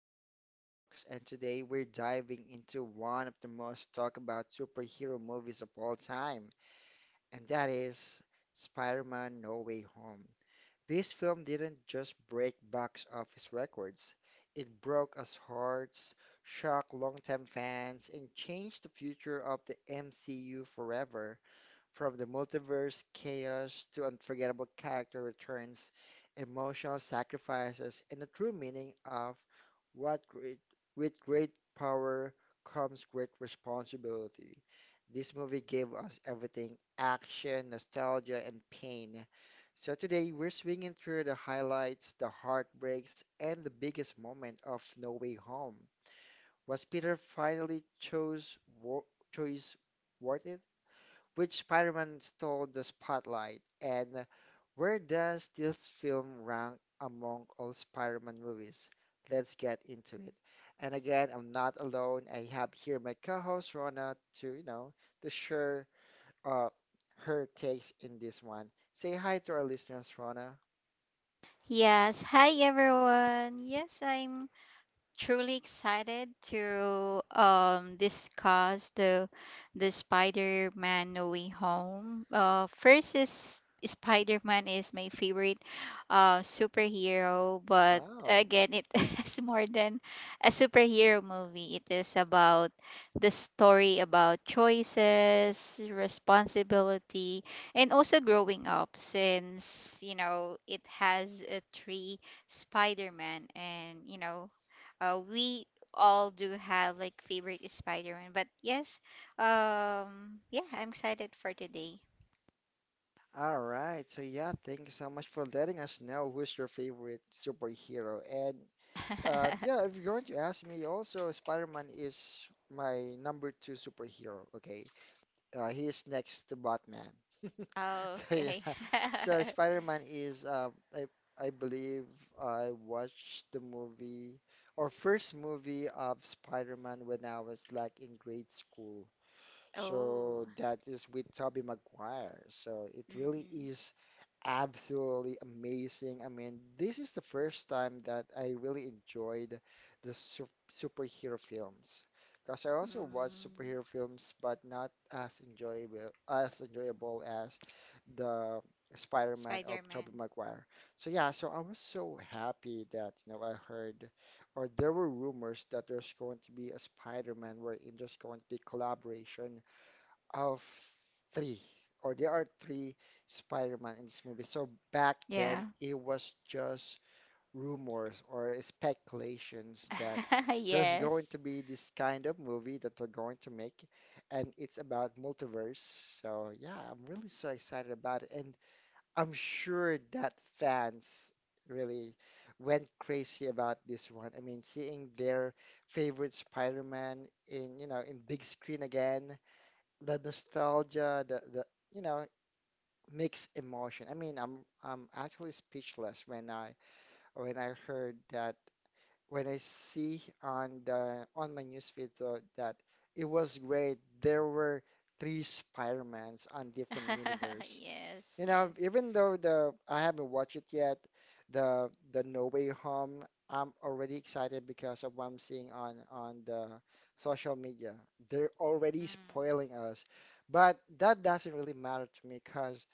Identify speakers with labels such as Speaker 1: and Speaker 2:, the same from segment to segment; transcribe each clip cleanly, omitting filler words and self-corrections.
Speaker 1: Popcorn Talks. And today we're diving into one of the most talked about superhero movies of all time, and that is Spider-Man No Way Home. This film didn't just break box office records, it broke us hearts, shocked longtime fans, and changed the future of the MCU forever. From the multiverse chaos to unforgettable character returns, emotional sacrifices, and the true meaning of what great, with great power comes great responsibility. This movie gave us everything action, nostalgia, and pain. So today we're swinging through the highlights, the heartbreaks, and the biggest moment of No Way Home. Was Peter finally chose wo choice worth it? Which Spider-Man stole the spotlight, and where does this film rank among all Spider-Man movies? Let's get into it. And again, I'm not alone. I have here my co-host Rona to, to share uh her takes in this one. Say hi to our listeners, Rona.
Speaker 2: Yes, hi everyone. Yes, I'm truly excited to discuss the Spider-Man No Way Home. First is Spider-Man is my favorite superhero, but
Speaker 1: Wow.
Speaker 2: again, it is more than a superhero movie. It is about the story about choices, responsibility, and also growing up. Since you know, it has three Spider-Man, and we all do have like favorite is Spider-Man. But yes, yeah, I'm excited for today.
Speaker 1: All right. So yeah, thank you so much for letting us know who's your favorite superhero. And yeah, if you're going to ask me, also Spider-Man is my number two superhero. Okay, he is next to Batman. So
Speaker 2: Okay.
Speaker 1: yeah, so Spider-Man is I I believe I watched the movie or first movie of Spider-Man when I was like in grade school.
Speaker 2: Oh.
Speaker 1: So that is with Tobey Maguire. So it really
Speaker 2: Mm-mm.
Speaker 1: is absolutely amazing. I mean, this is the first time that I really enjoyed the su superhero films. Because I also watch
Speaker 2: Mm.
Speaker 1: superhero films, but not as enjoyable as the Spider-Man of Tobey
Speaker 2: Spider-Man.
Speaker 1: Maguire. So yeah, so I was so happy that you know I heard, or there were rumors that there's going to be a Spider-Man wherein there's going to be collaboration of three, or there are three Spider-Man in this movie. So back
Speaker 2: Yeah.
Speaker 1: then, it was just rumors or speculations that there's going
Speaker 2: Yes.
Speaker 1: to be this kind of movie that they are going to make, and it's about multiverse. So yeah, I'm really so excited about it, and I'm sure that fans really went crazy about this one. I mean, seeing their favorite Spider-Man in, you know, in big screen again, the nostalgia, the you know mixed emotion. I mean, I'm actually speechless when I heard that when I see on the on my newsfeed though, that it was great. There were three Spider-Mans on different universe.
Speaker 2: Yes,
Speaker 1: You know,
Speaker 2: yes.
Speaker 1: even though the I haven't watched it yet, the No Way Home, I'm already excited because of what I'm seeing on the social media. They're already
Speaker 2: Mm,
Speaker 1: spoiling us, but that doesn't really matter to me because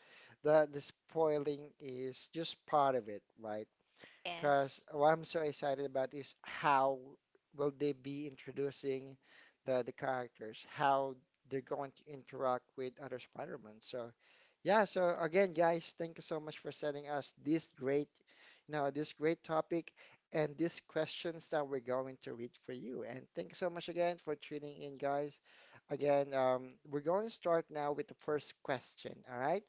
Speaker 1: the spoiling is just part of it, right? Because
Speaker 2: yes.
Speaker 1: what I'm so excited about is how will they be introducing the characters, how they're going to interact with other Spider-Man. So yeah, so again, guys, thank you so much for sending us this great, you know, this great topic and these questions that we're going to read for you. And thank you so much again for tuning in, guys. Again, we're going to start now with the first question, all right?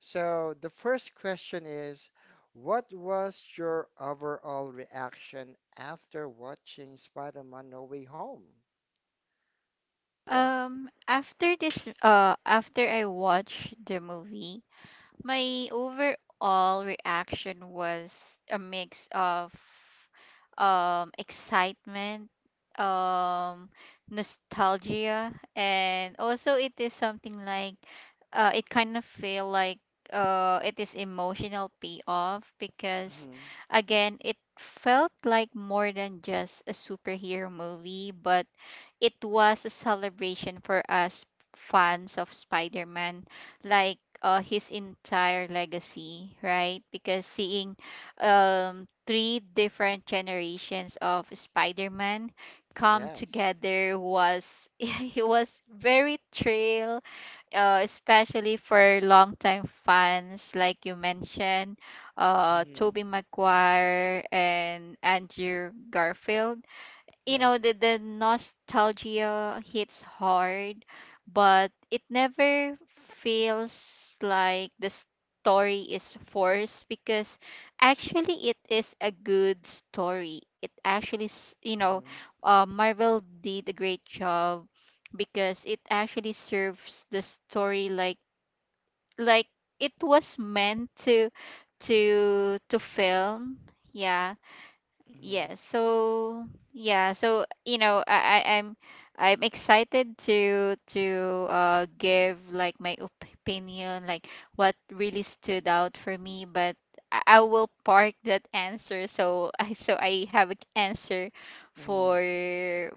Speaker 1: So the first question is what was your overall reaction after watching Spider-Man No Way Home? Yes.
Speaker 2: After I watched the movie. My overall reaction was a mix of excitement, um, nostalgia, and also it is something like it kind of feel like it is emotional payoff because
Speaker 1: Mm-hmm.
Speaker 2: again it felt like more than just a superhero movie, but it was a celebration for us fans of Spider-Man, like his entire legacy, right? Because seeing three different generations of Spider-Man come
Speaker 1: Yes.
Speaker 2: together was it was very thrill, especially for longtime fans, like you mentioned,
Speaker 1: Mm-hmm.
Speaker 2: Tobey Maguire and Andrew Garfield, you know, the
Speaker 1: Yes.
Speaker 2: the nostalgia hits hard but it never feels like the story is forced because actually it is a good story. It actually s- you know
Speaker 1: Mm-hmm.
Speaker 2: Marvel did a great job because it actually serves the story, like it was meant to to film, yeah.
Speaker 1: Mm-hmm.
Speaker 2: Yes. So yeah. So you know, I'm excited to to give like my opinion, like what really stood out for me. But I will park that answer. So I so I have an answer
Speaker 1: Mm-hmm.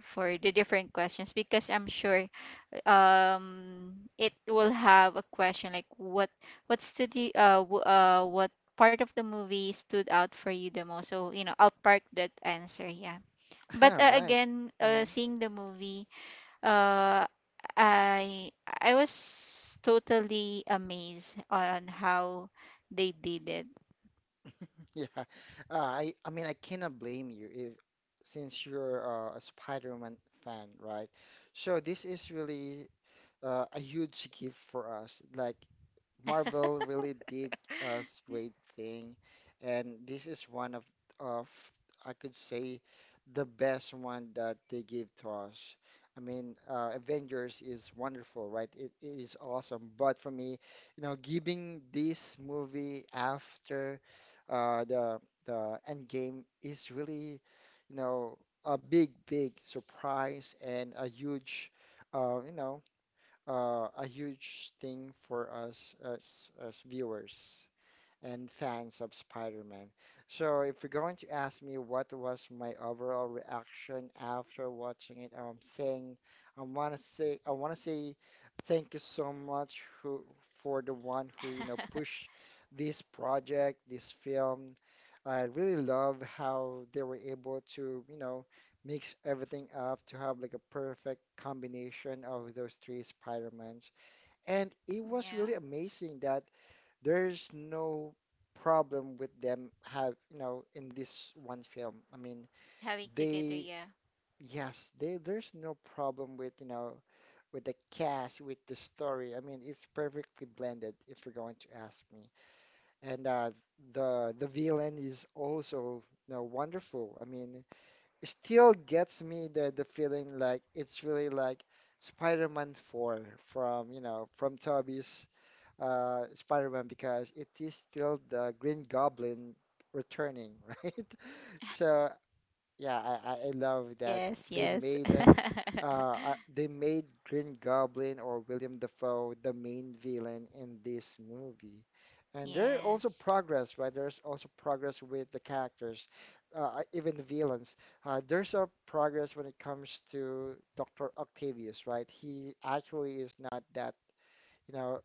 Speaker 2: for the different questions because I'm sure it will have a question like what stood you, uh, what part of the movie stood out for you the most, so you know I'll park that answer, yeah. But
Speaker 1: right.
Speaker 2: again
Speaker 1: Mm.
Speaker 2: seeing the movie uh i I was totally amazed on how they did it.
Speaker 1: Yeah, I mean I cannot blame you if since you're a Spider-Man fan, right? So this is really a huge gift for us. Like Marvel really did a great thing, and this is one of I could say the best one that they give to us. I mean, Avengers is wonderful, right? It is awesome, but for me, you know, giving this movie after uh, the the Endgame is really, you know, a big big surprise and a huge, uh, you know a huge thing for us as viewers and fans of Spider-Man. So if you're going to ask me what was my overall reaction after watching it, I'm saying I want to say thank you so much who for the one who you know pushed this project, this film. I really love how they were able to, you know, mix everything up to have like a perfect combination of those three Spider-Mans. And it was
Speaker 2: Yeah,
Speaker 1: really amazing that there's no problem with them have you know in this one film. I mean
Speaker 2: having together,
Speaker 1: they,
Speaker 2: yeah.
Speaker 1: yes they, there's no problem with you know with the cast, with the story. I mean it's perfectly blended if you're going to ask me, and the villain is also you know wonderful. I mean it still gets me the feeling like it's really like Spider-Man 4 from you know from Tobey's Spider-Man because it is still the Green Goblin returning, right? So yeah, I love that
Speaker 2: Yes,
Speaker 1: they
Speaker 2: yes.
Speaker 1: made uh, they made Green Goblin or William Dafoe the main villain in this movie. And there are also
Speaker 2: Yes,
Speaker 1: progress, right? There's also progress with the characters, even the villains. There's a progress when it comes to Dr. Octavius, right? He actually is not that you know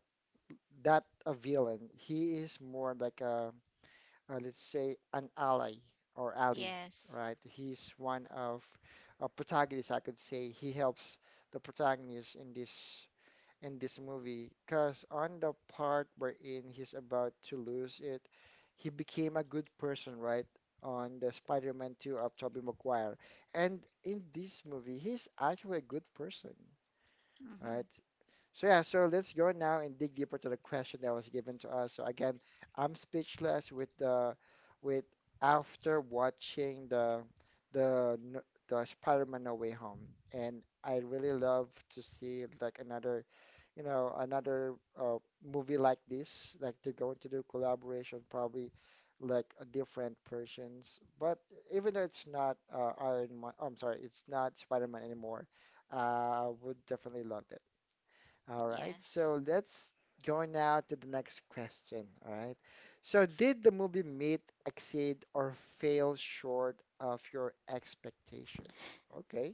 Speaker 1: that a villain. He is more like a, let's say, an ally or ally,
Speaker 2: yes.
Speaker 1: right? He's one of a protagonist, I could say. He helps the protagonist in this movie, because on the part wherein he's about to lose it, he became a good person, right? On the Spider-Man 2 of Tobey Maguire. And in this movie, he's actually a good person,
Speaker 2: Hmm.
Speaker 1: right? So yeah, so let's go now and dig deeper to the question that was given to us. So again, I'm speechless with the with after watching the n- the Spider-Man No Way Home, and I really love to see like another, you know, another uh, movie like this. Like they're going to do collaboration, probably like a different persons. But even though it's not Iron Man, I'm sorry, it's not Spider-Man anymore. I would definitely love it. All right,
Speaker 2: Yes.
Speaker 1: so let's go now to the next question. All right. So, did the movie meet, exceed, or fail short of your expectations? Okay.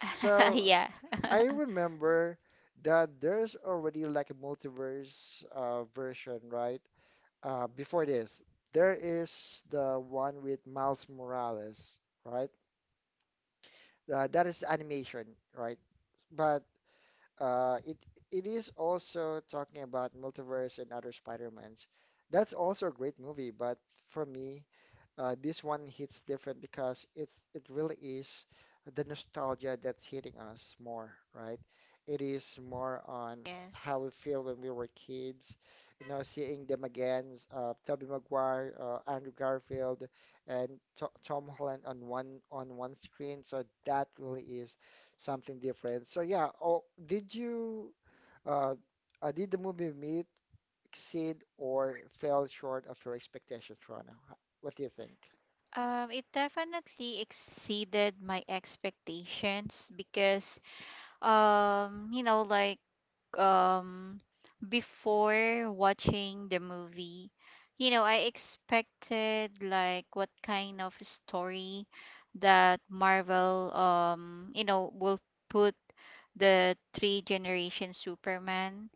Speaker 1: So,
Speaker 2: Yeah.
Speaker 1: I remember that there's already like a multiverse version, right? Before this, there is the one with Miles Morales, right? That is animation, right? But it it is also talking about multiverse and other Spider-Mans. That's also a great movie, but for me, this one hits different because it really is the nostalgia that's hitting us more, right? It is more on how
Speaker 2: Yes.
Speaker 1: we feel when we were kids, you know, seeing them again, Tobey Maguire, Andrew Garfield, and to Tom Holland on one screen. So that really is something different. So yeah, oh, uh, did the movie meet, exceed, or fell short of your expectations, Rana? What do you think?
Speaker 2: It definitely exceeded my expectations because, um, you know, like um before watching the movie, you know, I expected like what kind of story that Marvel you know will put the three generation Superman,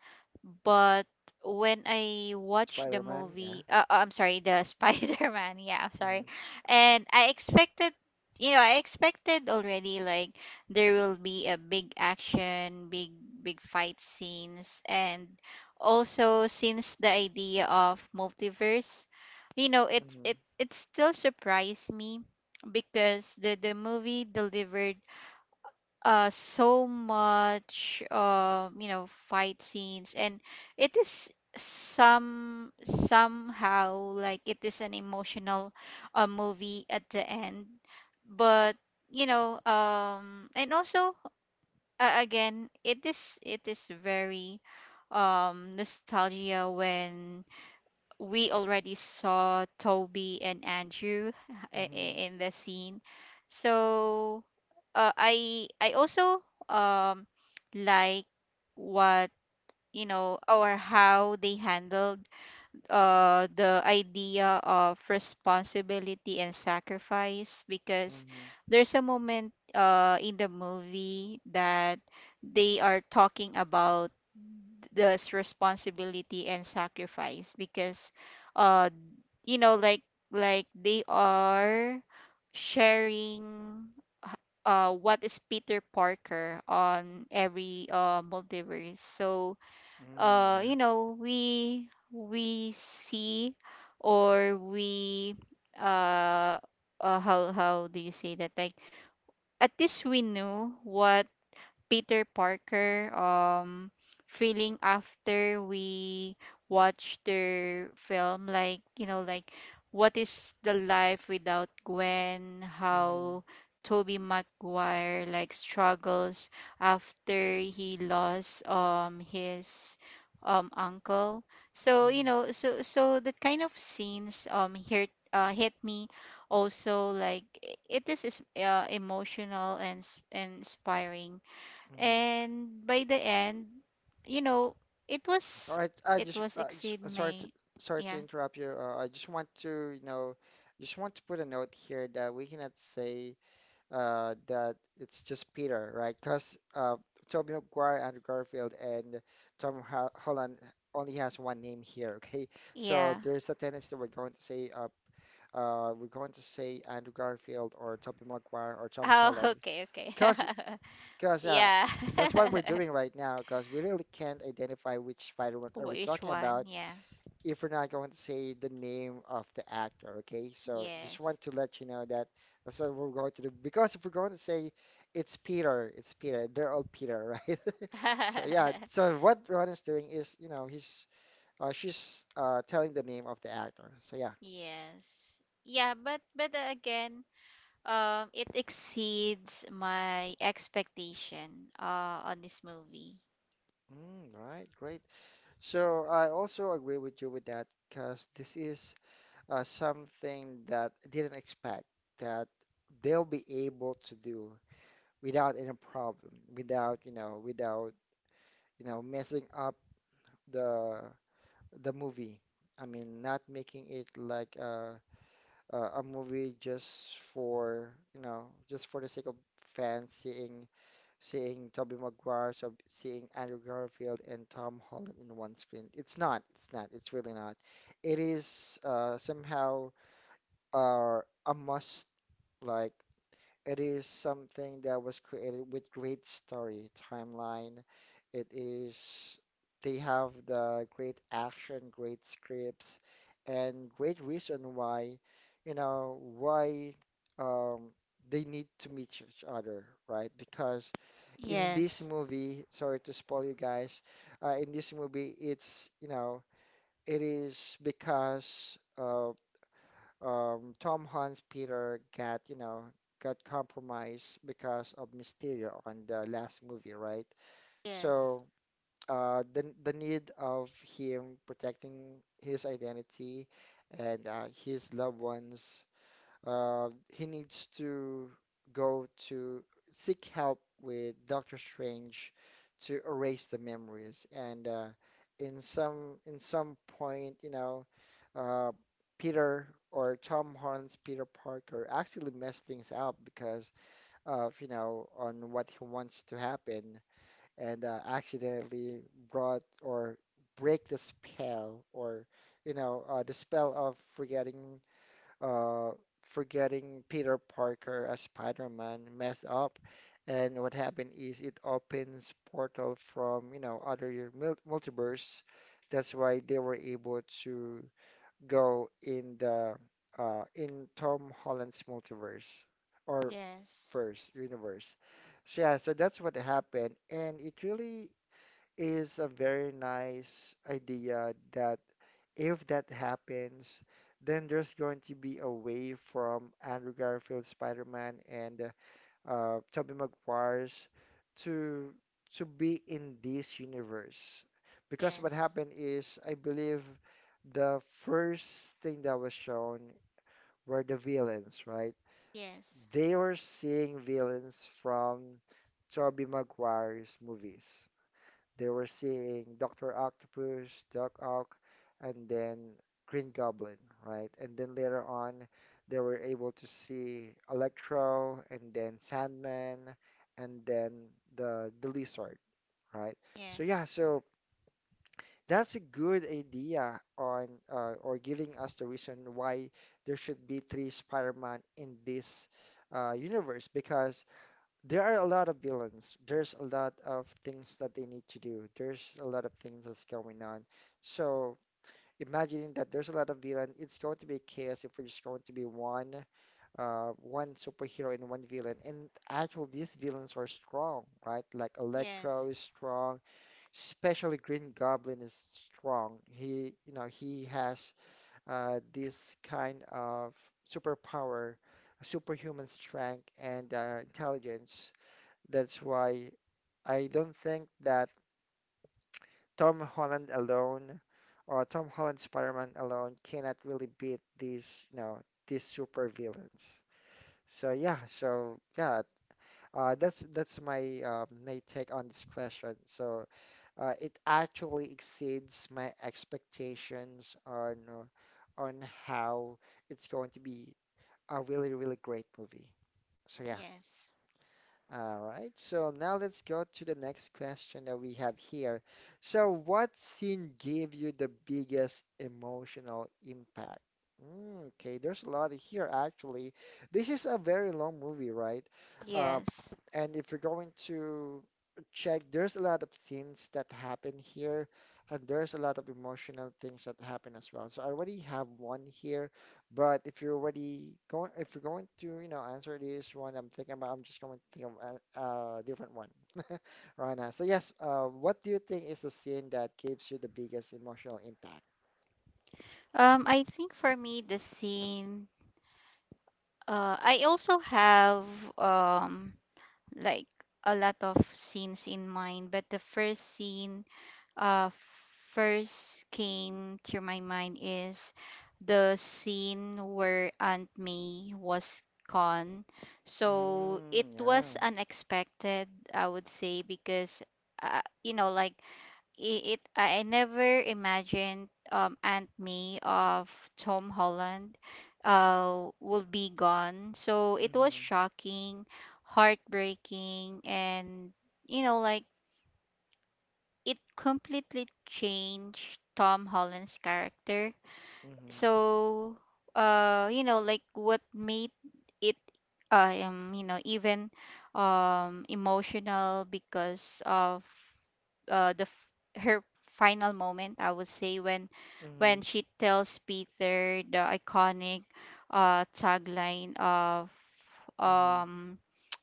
Speaker 2: but when I watched the
Speaker 1: Spider-Man, yeah.
Speaker 2: movie, I'm sorry, the Spider-Man, yeah, I'm sorry.
Speaker 1: Mm-hmm.
Speaker 2: And I expected, you know, I expected already like there will be a big action, big fight scenes, and also since the idea of multiverse, you know, it
Speaker 1: Mm-hmm.
Speaker 2: it it still surprised me because the movie delivered so much, fight scenes, and it is somehow like it is an emotional movie at the end. But and also again it is very nostalgia when we already saw Toby and Andrew
Speaker 1: Mm-hmm.
Speaker 2: in the scene. So I also um like what, you know, or how they handled the idea of responsibility and sacrifice, because
Speaker 1: Mm-hmm.
Speaker 2: there's a moment in the movie that they are talking about this responsibility and sacrifice because uh you know like like they are sharing h- what is Peter Parker on every multiverse. So
Speaker 1: Mm, yeah.
Speaker 2: we see or we uh, how do you say that, like at least we knew what Peter Parker feeling after we watch their film, like you know like what is the life without Gwen,
Speaker 1: Mm-hmm.
Speaker 2: how Toby Maguire like struggles after he lost his uncle. So you
Speaker 1: Mm-hmm.
Speaker 2: know so so the kind of scenes hit me also like it is emotional and and inspiring,
Speaker 1: Mm-hmm.
Speaker 2: and by the end, you know, it
Speaker 1: All
Speaker 2: was
Speaker 1: right.
Speaker 2: it was exceed
Speaker 1: I'm sorry
Speaker 2: my,
Speaker 1: to, sorry to
Speaker 2: yeah.
Speaker 1: interrupt you. I just want to, you know, just want to put a note here that we cannot say that it's just Peter, right? Because Tobey Maguire, Andrew Garfield, and Holland only has one name here, okay? So
Speaker 2: Yeah.
Speaker 1: there's a tendency that we're going to say we're going to say Andrew Garfield or Tobey Maguire or Tom
Speaker 2: Oh,
Speaker 1: Holland,
Speaker 2: okay, okay.
Speaker 1: cause, cause
Speaker 2: Yeah.
Speaker 1: that's what we're doing right now, cause we really can't identify which Spider-Man are we
Speaker 2: Which
Speaker 1: talking
Speaker 2: one?
Speaker 1: about,
Speaker 2: Yeah.
Speaker 1: if we're not going to say the name of the actor, okay? So just want
Speaker 2: Yes.
Speaker 1: to let you know that that's what we're going to do. Because if we're going to say it's Peter, they're all Peter, right? So yeah, so what Ron is doing is, you know, he's she's telling the name of the actor. So yeah.
Speaker 2: Yes. Yeah, but again it exceeds my expectation on this movie.
Speaker 1: Mm, right, great. So I also agree with you with that because this is something that I didn't expect that they'll be able to do, without any problem, without, you know, messing up the the movie. I mean, not making it like a movie just for, you know, just for the sake of fans seeing seeing Tobey Maguire, so seeing Andrew Garfield and Tom Holland in one screen. It's really not. It is somehow uh, a must, like, it is something that was created with great story timeline. It is, they have the great action, great scripts, and great reason why, you know, why um, they need to meet each other, right? Because in this
Speaker 2: Yes,
Speaker 1: movie, sorry to spoil you guys, in this movie, it's, you know, it is because Tom Hunt's Peter got, you know, got compromised because of Mysterio on the last movie, right?
Speaker 2: yes.
Speaker 1: So the need of him protecting his identity and his loved ones, he needs to go to seek help with Doctor Strange to erase the memories. And in some point, uh, Peter or Tom Holland's Peter Parker actually messed things up because of, on what he wants to happen, and accidentally brought or break the spell, or, the spell of forgetting, uh, forgetting Peter Parker as Spider-Man, messed up. And what happened is it opens portal from, other multiverse. That's why they were able to go in the in Tom Holland's multiverse or
Speaker 2: Yes,
Speaker 1: first universe. So yeah, so that's what happened, and it really is a very nice idea that if that happens, then there's going to be a way from Andrew Garfield Spider-Man and Tobey Maguire's to to be in this universe. Because what
Speaker 2: yes.
Speaker 1: happened is, I believe the first thing that was shown were the villains, right?
Speaker 2: Yes,
Speaker 1: They were seeing villains from Tobey Maguire's movies. They were seeing Dr. Octopus, Doc Ock, and then Green Goblin, right? And then later on, they were able to see Electro and then Sandman and then the Lizard, right? So yeah,
Speaker 2: yes.
Speaker 1: so that's a good idea on or giving us the reason why there should be three Spider-Man in this universe, because there are a lot of villains. There's a lot of things that they need to do. There's a lot of things that's going on. So imagining that there's a lot of villain, it's going to be chaos if we're just going to be one, one superhero and one villain. And actually, these villains are strong, right? Like Electro is
Speaker 2: Yes.
Speaker 1: strong, especially Green Goblin is strong. He, he has this kind of superpower, superhuman strength and intelligence. That's why I don't think that Tom Holland alone or Tom Holland Spider-Man alone cannot really beat these, these super villains. So yeah, so yeah, that's my take on this question. So it actually exceeds my expectations on how it's going to be a really really great movie. So yeah.
Speaker 2: Yes.
Speaker 1: All right, so now let's go to the next question that we have here. So, what scene gave you the biggest emotional impact? Mm, okay, there's a lot here actually. This is a very long movie, right? Uh,
Speaker 2: Yes.
Speaker 1: and if you're going to check, there's a lot of scenes that happen here, and there's a lot of emotional things that happen as well. So, I already have one here, but if you're going to, answer this one, I'm just going to think of a different one right now. So yes, what do you think is the scene that gives you the biggest emotional impact?
Speaker 2: I think for me, the scene. I also have um like a lot of scenes in mind, but the first scene uh first came to my mind is the scene where Aunt May was gone. So it
Speaker 1: Mm,
Speaker 2: was
Speaker 1: yeah.
Speaker 2: unexpected, I would say, because you know like I- it I never imagined Aunt May of Tom Holland will be gone. So it was
Speaker 1: Mm-hmm.
Speaker 2: shocking, heartbreaking, and you know like it completely changed Tom Holland's character.
Speaker 1: Mm-hmm.
Speaker 2: So what made it you know even emotional because of uh the f- her final moment, I would say,
Speaker 1: Mm-hmm.
Speaker 2: when she tells Peter the iconic tagline of
Speaker 1: Mm-hmm.
Speaker 2: um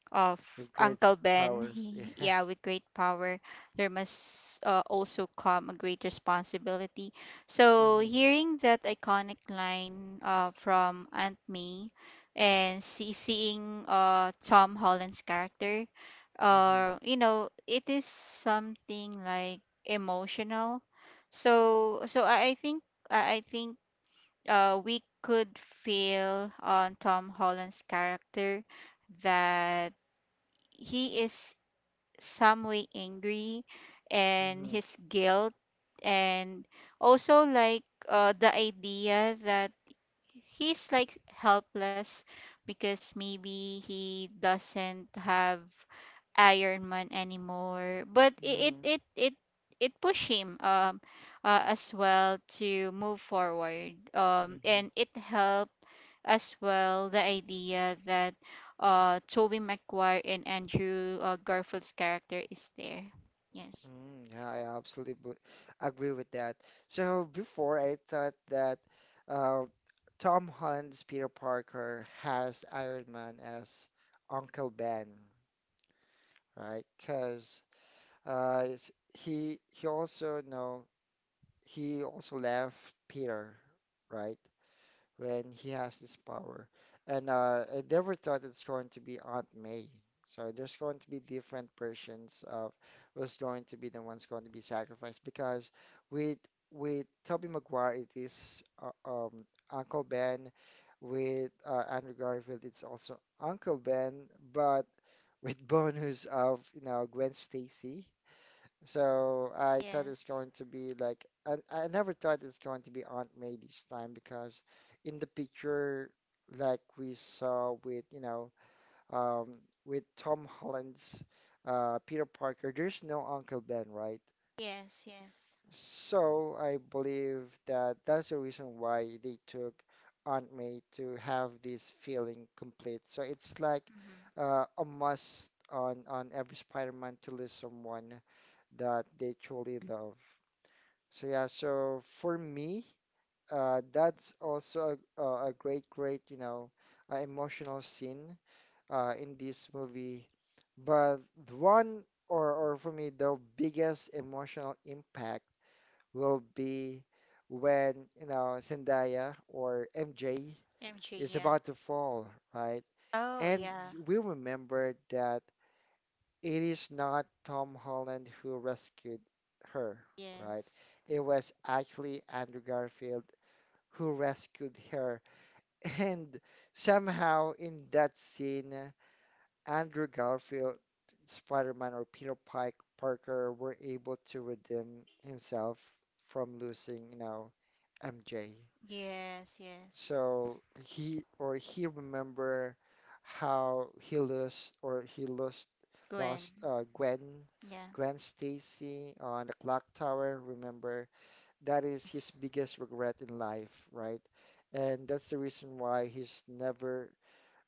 Speaker 2: of
Speaker 1: With great
Speaker 2: Uncle Ben.
Speaker 1: powers,
Speaker 2: He, yeah,
Speaker 1: yes.
Speaker 2: with great power, there must, also come a great responsibility. So,
Speaker 1: Mm-hmm.
Speaker 2: hearing that iconic line from Aunt May and seeing Tom Holland's character,
Speaker 1: Mm-hmm.
Speaker 2: you know, it is something like emotional. So, so I think we could feel on Tom Holland's character that he is some way angry, and his guilt, and also like the idea that he's like helpless because maybe he doesn't have Iron Man anymore. But
Speaker 1: Mm-hmm.
Speaker 2: it pushed him as well to move forward.
Speaker 1: Mm-hmm.
Speaker 2: And it helped as well the idea that Toby Maguire and Andrew, Garfield's character, is there. Yes.
Speaker 1: Mm, yeah, I absolutely agree with that. So before I thought that uh, Tom Holland's Peter Parker has Iron Man as Uncle Ben, right? Because it's- he also no he also left Peter, right? When he has this power. And I never thought it's going to be Aunt May. So there's going to be different versions of who's going to be the ones going to be sacrificed, because with Tobey Maguire it is Uncle Ben, with Andrew Garfield it's also Uncle Ben, but with bonus of, you know, Gwen Stacy. So I thought it's
Speaker 2: Yes.
Speaker 1: going to be like I never thought it's going to be Aunt May this time, because in the picture, like we saw with, um, with Tom Holland's Peter Parker, there's no Uncle Ben, right?
Speaker 2: Yes, yes.
Speaker 1: So I believe that that's the reason why they took Aunt May to have this feeling complete. So it's like
Speaker 2: Mm-hmm.
Speaker 1: a must on every Spider-Man to lose someone that they truly love. So yeah, so for me, that's also a great, great, emotional scene in this movie. But the one, or for me, the biggest emotional impact will be when, Zendaya or MJ
Speaker 2: MJ,
Speaker 1: is
Speaker 2: yeah.
Speaker 1: about to fall, right?
Speaker 2: Oh,
Speaker 1: And
Speaker 2: yeah.
Speaker 1: we remember that it is not Tom Holland who rescued her, right?
Speaker 2: Yes.
Speaker 1: It was actually Andrew Garfield who rescued her. And somehow in that scene, Andrew Garfield, Spider-Man, or Peter Pike Parker were able to redeem himself from losing, MJ.
Speaker 2: Yes, yes.
Speaker 1: So he remember how he lost
Speaker 2: Gwen.
Speaker 1: lost Gwen
Speaker 2: Yeah.
Speaker 1: Gwen Stacy on the clock tower. Remember that is his
Speaker 2: Yes.
Speaker 1: biggest regret in life, right? And that's the reason why he's never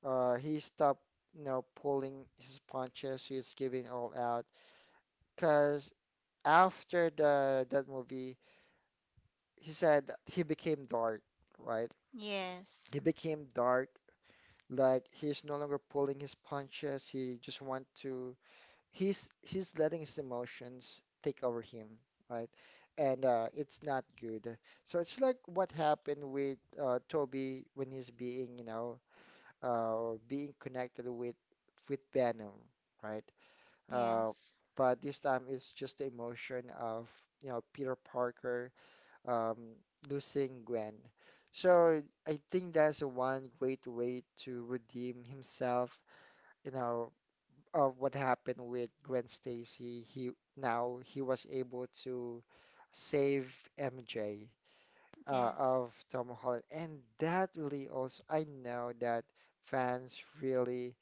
Speaker 1: he stopped, pulling his punches. He's giving all out, because after the that movie, he said that he became dark, right?
Speaker 2: Yes.
Speaker 1: He became dark. Like he's no longer pulling his punches. He just want to. He's letting his emotions take over him, right? And it's not good. So it's like what happened with Toby when he's being, being connected with Venom, right? Uh,
Speaker 2: Yes.
Speaker 1: but this time it's just the emotion of, Peter Parker um, losing Gwen. So I think that's one great way to redeem himself, you know, of what happened with Gwen Stacy. He was able to save MJ
Speaker 2: Yes.
Speaker 1: of Tom Holland, and that really also I know that fans really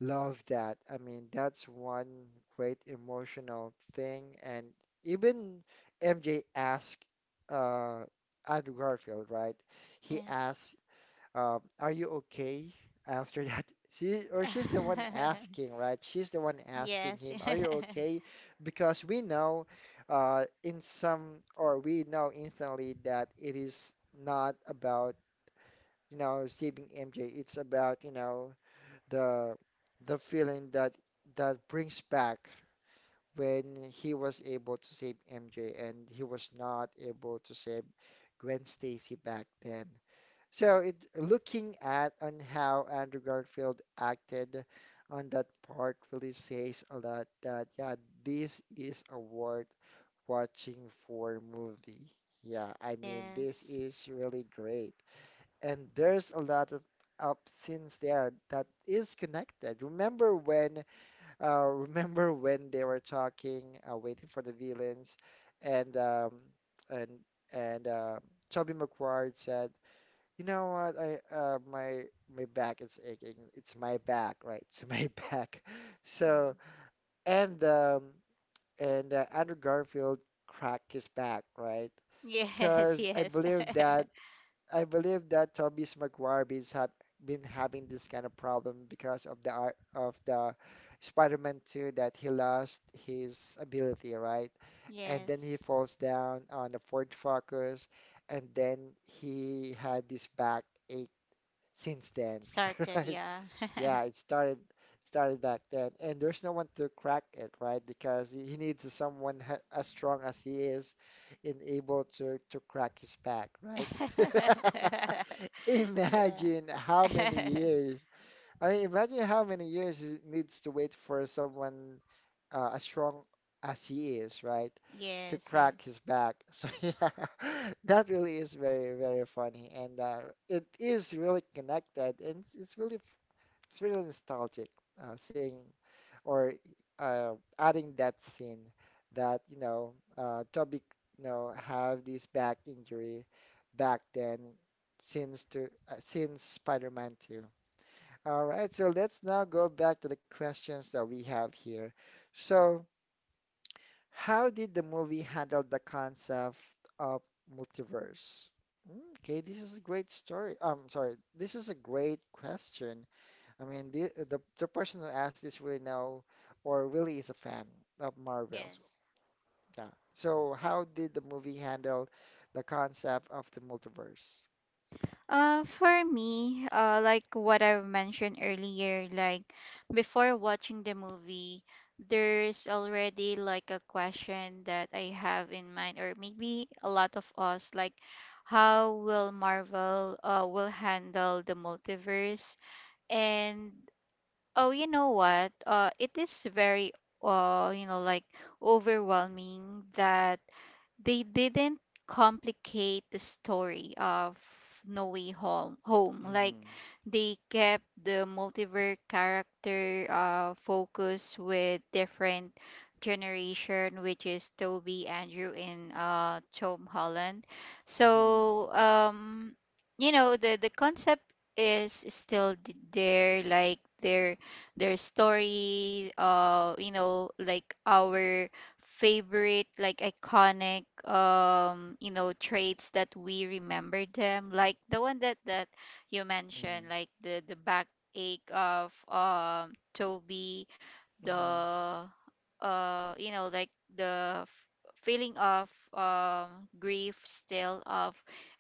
Speaker 1: love that. I mean, that's one great emotional thing. And even MJ asked uh, Andrew Garfield, right? He
Speaker 2: Yes.
Speaker 1: asked, "Are you okay?" After that, she's the one asking, right? She's the one asking
Speaker 2: Yes.
Speaker 1: him, "Are you okay?" Because we know, in some or we know instantly that it is not about, saving MJ. It's about, the the feeling that that brings back when he was able to save MJ, and he was not able to save Gwen Stacy back then. So it looking at on how Andrew Garfield acted on that part really says a lot that yeah, this is a worth watching for movie. Yeah, I mean this
Speaker 2: Yes.
Speaker 1: is really great, and there's a lot of up scenes there that is connected. Remember when remember when they were talking, waiting for the villains, and um and and Toby McGuire said, "You know what? I my my back is aching. It's my back, right? It's my back." So
Speaker 2: Mhm.
Speaker 1: and um Andrew Garfield cracked his back, right?
Speaker 2: Yes,
Speaker 1: Because
Speaker 2: yes.
Speaker 1: I believe that Tobey's McGuire is have been having this kind of problem because of the art of the Spider-Man 2, that he lost his ability, right? And then he
Speaker 2: Yes.
Speaker 1: falls down on the Ford Focus, and then he had this back ache since then,
Speaker 2: Started,
Speaker 1: right?
Speaker 2: yeah.
Speaker 1: Yeah, it started back then, and there's no one to crack it, right? Because he needs someone ha as strong as he is, in able to crack his back, right?
Speaker 2: Yeah.
Speaker 1: Imagine how many years. I mean, imagine how many years he needs to wait for someone as strong as he is, right? To
Speaker 2: Yes,
Speaker 1: crack his
Speaker 2: yes.
Speaker 1: back. So yeah, that really is very, very funny, and it is really connected, and it's really, it's really nostalgic, seeing or uh, adding that scene, that, Toby, have this back injury back then, since to since Spider-Man 2. All right, so let's now go back to the questions that we have here. So, how did the movie handle the concept of multiverse? Mm, okay, this is a great story. I'm sorry, this is a great question. I mean, the person who asked this really know, or really is a fan of Marvels.
Speaker 2: Yes.
Speaker 1: Yeah. So how did the movie handle the concept of the multiverse?
Speaker 2: Like what I mentioned earlier, like before watching the movie, there's already like a question that I have in mind, or maybe a lot of us, like how will Marvel will handle the multiverse? And oh, you know what? It is very uh, you know, like overwhelming that they didn't complicate the story of No Way Home. Home like
Speaker 1: Mm-hmm.
Speaker 2: they kept the multiverse character focus with different generation, which is Toby, Andrew, and Tom Holland.
Speaker 1: Mm-hmm.
Speaker 2: So you know the concept is still there, like their story. You know, like our favorite like iconic you know traits that we remember them, like the one that you
Speaker 1: Mm-hmm.
Speaker 2: mentioned, like the back ache of Toby, the
Speaker 1: Mm-hmm.
Speaker 2: you know like the f- feeling of grief still of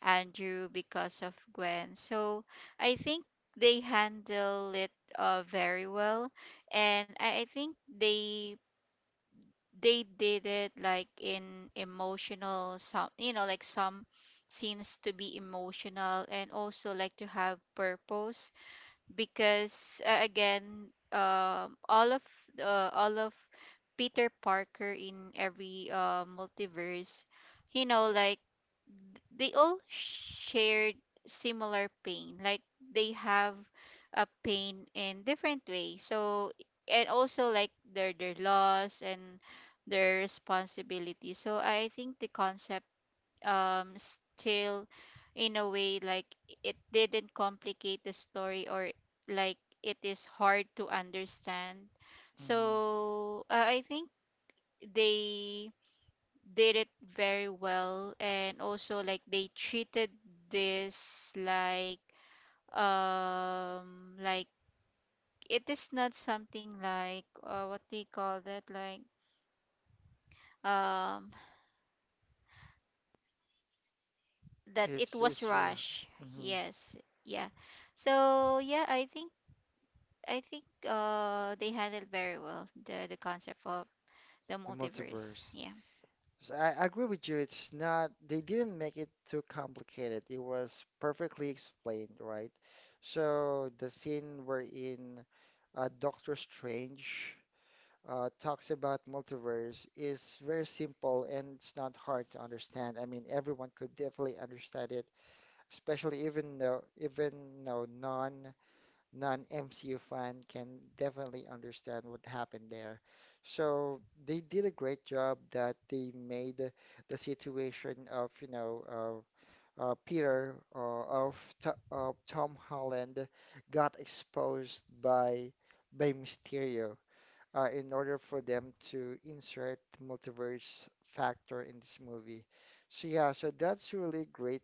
Speaker 2: Andrew because of Gwen. So I think they handle it very well, and I think they did it like in emotional, some you know like some scenes to be emotional and also like to have purpose, because again all of Peter Parker in every multiverse, you know like they all shared similar pain, like they have a pain in different ways. So and also like their loss and their responsibility. So I think the concept still in a way like it didn't complicate the story or like it is hard to understand.
Speaker 1: Mm-hmm.
Speaker 2: So I think they did it very well, and also like they treated this like um like it is not something like what they call that like um that it
Speaker 1: It's
Speaker 2: was
Speaker 1: it's r-
Speaker 2: rush.
Speaker 1: hmm,
Speaker 2: Yes. Yeah. So yeah, I think they handled very well the concept of the
Speaker 1: the
Speaker 2: multiverse.
Speaker 1: multiverse.
Speaker 2: Yeah.
Speaker 1: So I agree with you. It's not, they didn't make it too complicated. It was perfectly explained, right? So the scene wherein Doctor Strange talks about multiverse is very simple, and it's not hard to understand. I mean, everyone could definitely understand it, especially even though though non non MCU fan can definitely understand what happened there. So they did a great job that they made the situation of, Peter, of T Tom Holland, got exposed by Mysterio in order for them to insert multiverse factor in this movie. So yeah, so that's really great,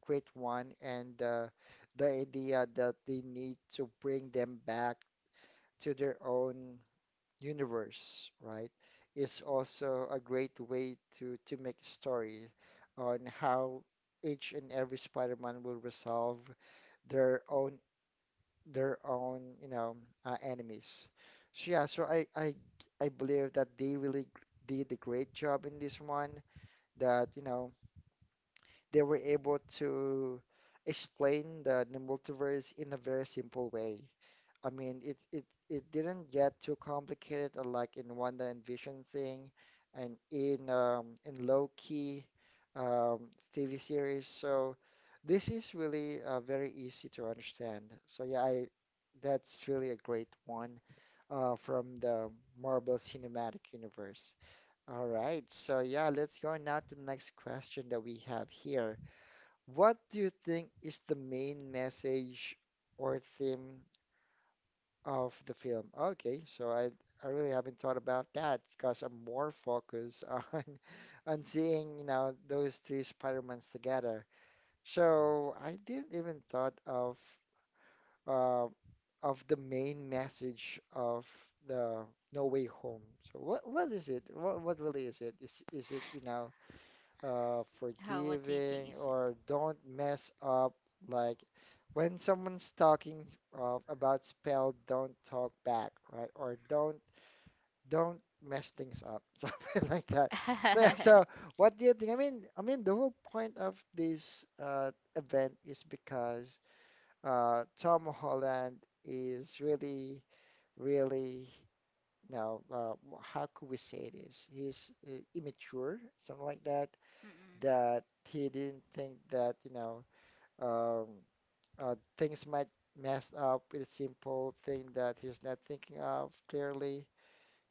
Speaker 1: great one, and the idea that they need to bring them back to their own universe, right, is also a great way to make a story on how each and every Spider-Man will resolve their own their own, you know, enemies. So yeah, so I, I believe that they really did a great job in this one. That they were able to explain the multiverse in a very simple way. I mean, it didn't get too complicated, like in Wanda and Vision thing, and in Loki um, TV series. So this is really very easy to understand. So yeah, I that's really a great one from the Marvel Cinematic Universe. All right, so yeah, let's go now to the next question that we have here. What do you think is the main message or theme of the film? Okay, I really haven't thought about that because I'm more focused on on seeing, you know, those three Spider-Mans together. So I didn't even thought of uh, of the main message of the No Way Home. So what is it? What really is it? Is it, you know,
Speaker 2: How, what do you think is it?
Speaker 1: forgiving or don't mess up. Like when someone's talking about spell, don't talk back, right? Or don't mess things up, something like that. So yeah, so what do you think? I mean the whole point of this event is because Tom Holland is really, really. You know, how could we say this? He's immature, something like that,
Speaker 2: Mm-mm.
Speaker 1: that he didn't think that, you know, um, things might mess up with a simple thing that he's not thinking of clearly.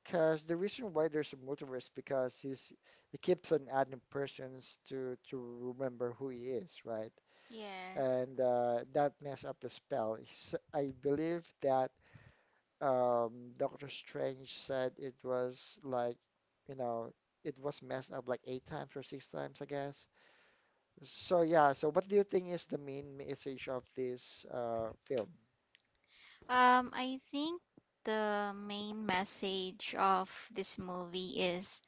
Speaker 1: Because the reason why there's a multiverse because he keeps on adding persons to remember who he is, right?
Speaker 2: Yes.
Speaker 1: And that messed up the spell. S I believe that Doctor Strange said it was like, you know, it was messed up like eight times or six times, I guess. So yeah, so what do you think is the main message of this film?
Speaker 2: I think the main message of this movie is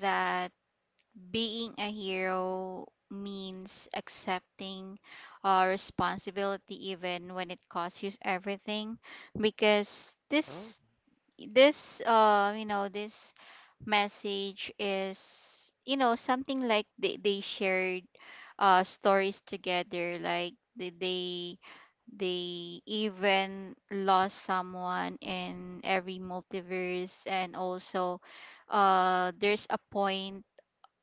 Speaker 2: that being a hero means accepting responsibility even when it costs you everything, because
Speaker 1: Oh.
Speaker 2: this message is, you know, something like they shared stories together, like they they even lost someone in every multiverse, and also there's a point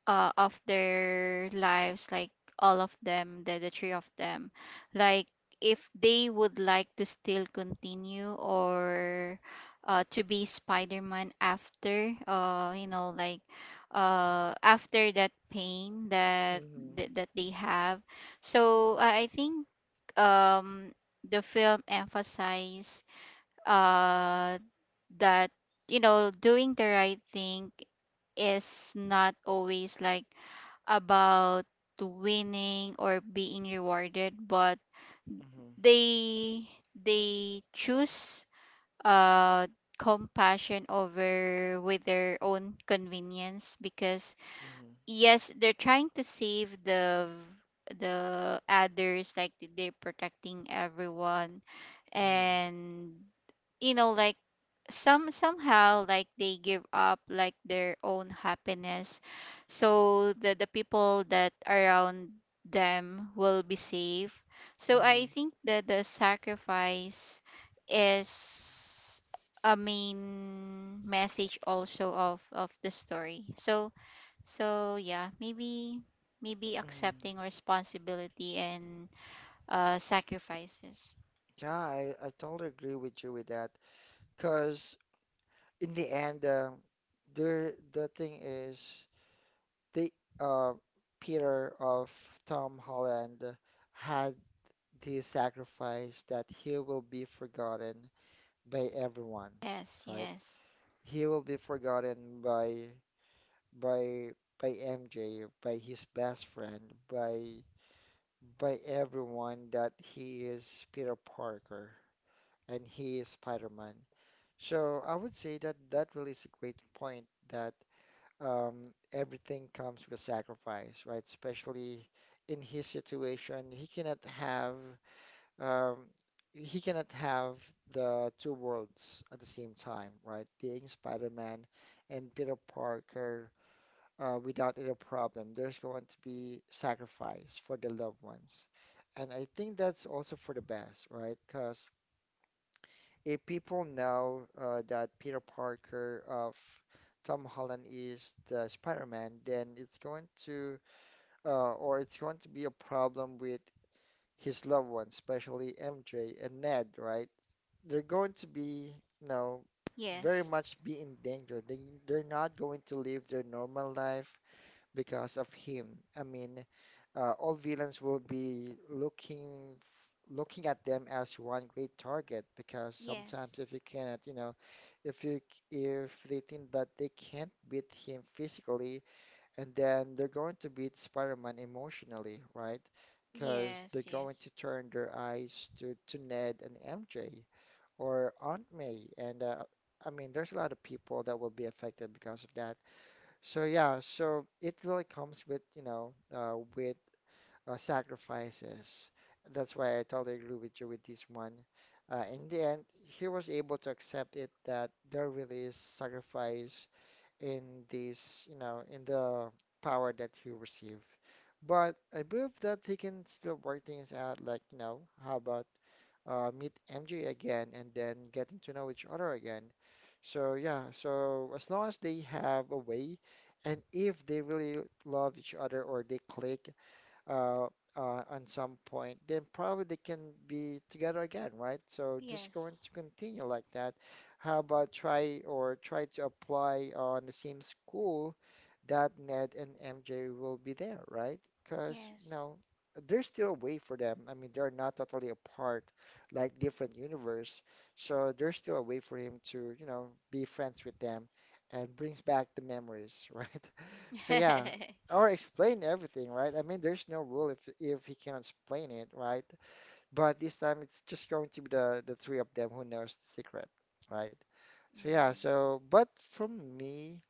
Speaker 2: of their lives, like all of them, the three of them, like if they would like to still continue or to be Spider-Man after, you know, like after that pain that
Speaker 1: Mm-hmm.
Speaker 2: that they have. So I think um, the film emphasized uh, that, you know, doing the right thing is not always like about winning or being rewarded, but
Speaker 1: Mm-hmm.
Speaker 2: they they choose uh compassion over with their own convenience, because
Speaker 1: Mm-hmm.
Speaker 2: yes they're trying to save the others, like they're protecting everyone,
Speaker 1: Mm-hmm.
Speaker 2: and you know like somehow like they give up like their own happiness so the people that around them will be safe. So I
Speaker 1: Mm-hmm.
Speaker 2: think that the sacrifice is a main message also of the story. So so yeah, maybe maybe
Speaker 1: Mm-hmm.
Speaker 2: accepting responsibility and sacrifices.
Speaker 1: Yeah, I totally agree with you with that. Because in the end, there the thing is the uh Peter of Tom Holland had the sacrifice that he will be forgotten by everyone,
Speaker 2: Yes,
Speaker 1: right?
Speaker 2: yes.
Speaker 1: He will be forgotten by by by MJ, by his best friend, by everyone that he is Peter Parker and he is Spider-Man. So I would say that that really is a great point that everything comes with sacrifice, right? Especially in his situation, um, he cannot have the two worlds at the same time, right? Being Spider-Man and Peter Parker without any problem. There's going to be sacrifice for the loved ones. And I think that's also for the best, right? Because if people know that Peter Parker of Tom Holland is the Spider-Man, then it's going to, or it's going to be a problem with his loved ones, especially MJ and Ned, right? They're going to be, you know, very
Speaker 2: Yes,
Speaker 1: much be in danger. They're not going to live their normal life because of him. I mean, all villains will be looking looking at them as one great target because
Speaker 2: yes.
Speaker 1: sometimes if you cannot, you know, if you c- if they think that they can't beat him physically, and then they're going to beat Spider-Man emotionally, right? Because they're
Speaker 2: Yes,
Speaker 1: going to
Speaker 2: yes.
Speaker 1: turn their eyes to Ned and MJ or Aunt May, and I mean, there's a lot of people that will be affected because of that. So yeah, so it really comes with, you know, with sacrifices. That's why I totally agree with you with this one. In the end, he was able to accept it that there really is sacrifice in this, you know, in the power that he received. But I believe that he can still work things out, like, you know, how about meet MJ again and then getting to know each other again. So yeah, so as long as they have a way, and if they really love each other or they click uh, on some point, then probably they can be together again, right? So just going
Speaker 2: Yes.
Speaker 1: to continue like that. How about try or try to apply on the same school that Ned and MJ will be there, right? Because, you
Speaker 2: Yes.
Speaker 1: know, there's still a way for them. I mean, they're not totally apart, like different universe. So there's still a way for him to, you know, be friends with them and brings back the memories, right? So yeah, or explain everything, right? I mean, there's no rule if he cannot explain it, right? But this time it's just going to be the three of them who knows the secret, right? So yeah,
Speaker 2: Mm.
Speaker 1: so but from me.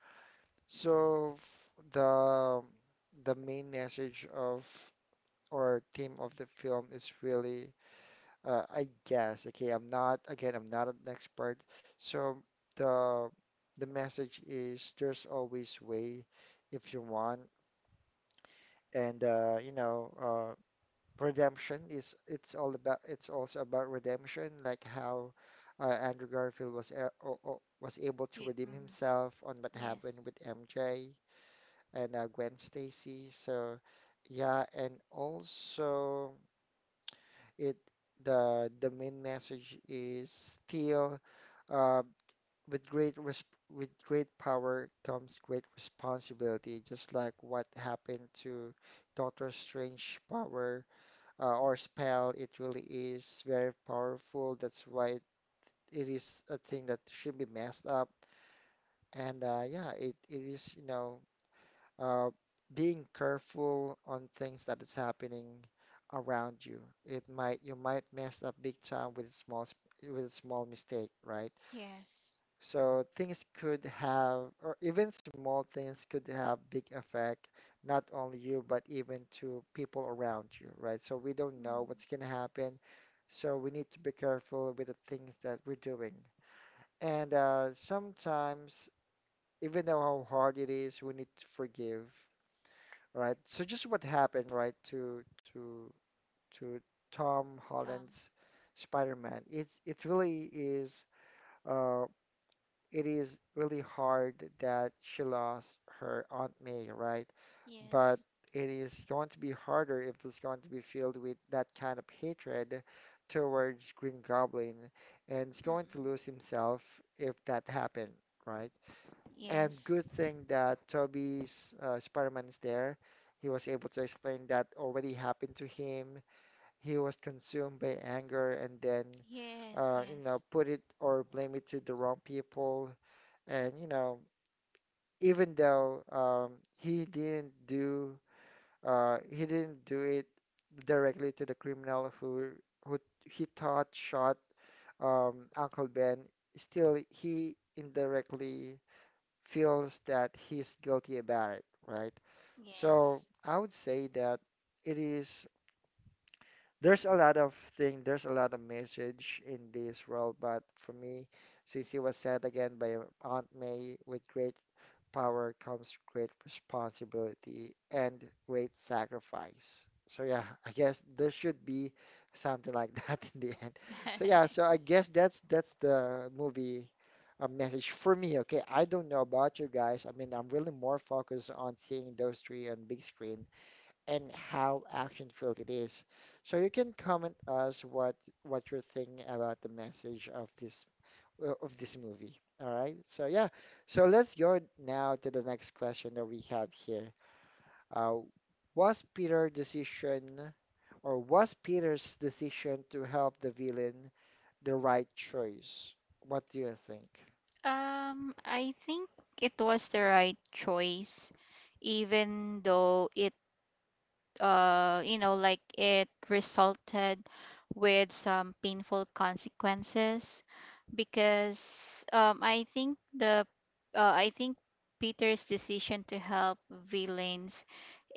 Speaker 1: So the main message of or theme of the film is really, I guess, okay, I'm not, again, I'm not an expert. So the the message is there's always way if you want, and you know, redemption is it's all about it's also about redemption, like how Andrew Garfield was a o o was able to
Speaker 2: You,
Speaker 1: redeem
Speaker 2: mm.
Speaker 1: himself on what happened
Speaker 2: Yes.
Speaker 1: with MJ and Gwen Stacy. So yeah, and also it the main message is still uh, with great resp with great power comes great responsibility, just like what happened to Doctor Strange power or spell. It really is very powerful. That's why it is a thing that should be messed up. And yeah, it is, you know, uh, being careful on things that is happening around you. It might you might mess up big time with with a small mistake, right?
Speaker 2: Yes.
Speaker 1: So things could have, or even small things could have big effect, not only you but even to people around you, right? So we don't know
Speaker 2: Mm.
Speaker 1: what's gonna happen, so we need to be careful with the things that we're doing. And sometimes, even though how hard it is, we need to forgive, right? So just what happened, right, to to to Tom
Speaker 2: Tom.
Speaker 1: Holland's Spider-Man. It really is uh it is really hard that she lost her Aunt May, right?
Speaker 2: Yes.
Speaker 1: But it is going to be harder if it's going to be filled with that kind of hatred towards Green Goblin, and he's going
Speaker 2: Mm-mm.
Speaker 1: to lose himself if that happened, right? And
Speaker 2: Yes.
Speaker 1: good thing that Toby's Spider-Man is there. He was able to explain that already happened to him. He was consumed by anger and then,
Speaker 2: Yes,
Speaker 1: you
Speaker 2: yes.
Speaker 1: know, put it or blame it to the wrong people. And, you know, even though he didn't do it directly to the criminal who who he thought shot Uncle Ben, still he indirectly feels that he's guilty about it, right? So
Speaker 2: Yes.
Speaker 1: I would say that it is, there's a lot of thing, there's a lot of message in this role, but for me, since it was said again by Aunt May, with great power comes great responsibility and great sacrifice. So yeah, I guess there should be something like that in the end. So yeah, so I guess that's the movie a message for me. Okay, I don't know about you guys. I mean, I'm really more focused on seeing those three on big screen and how action filled it is. So you can comment us what you're thinking about the message of this movie. All right. So yeah. So let's go now to the next question that we have here. Uh, was Peter's decision to help the villain the right choice? What do you think?
Speaker 2: I think it was the right choice, even though you know, like it resulted with some painful consequences. Because I think the I think Peter's decision to help villains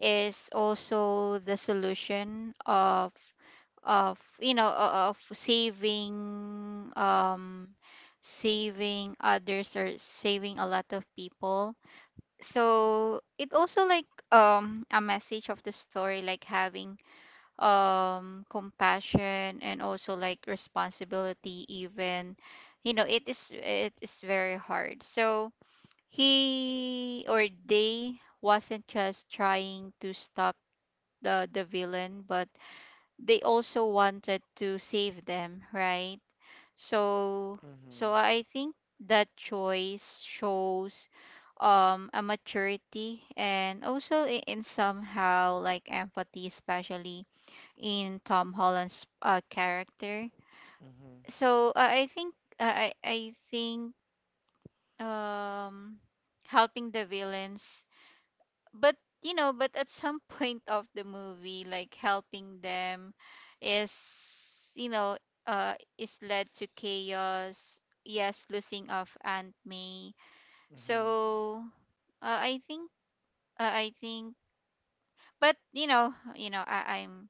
Speaker 2: is also the solution of of saving saving others or saving a lot of people. So it also like a message of the story, like having compassion and also like responsibility, even you know it is very hard. So he or they wasn't just trying to stop the villain, but they also wanted to save them, right? so
Speaker 1: Mm-hmm.
Speaker 2: so i think that choice shows a maturity and also in somehow like empathy, especially in Tom Holland's character.
Speaker 1: Mm-hmm.
Speaker 2: So I think I think um helping the villains, but but at some point of the movie, like helping them is is led to chaos. Yes, losing of Aunt May.
Speaker 1: Mm-hmm.
Speaker 2: So uh, I think I think, but I'm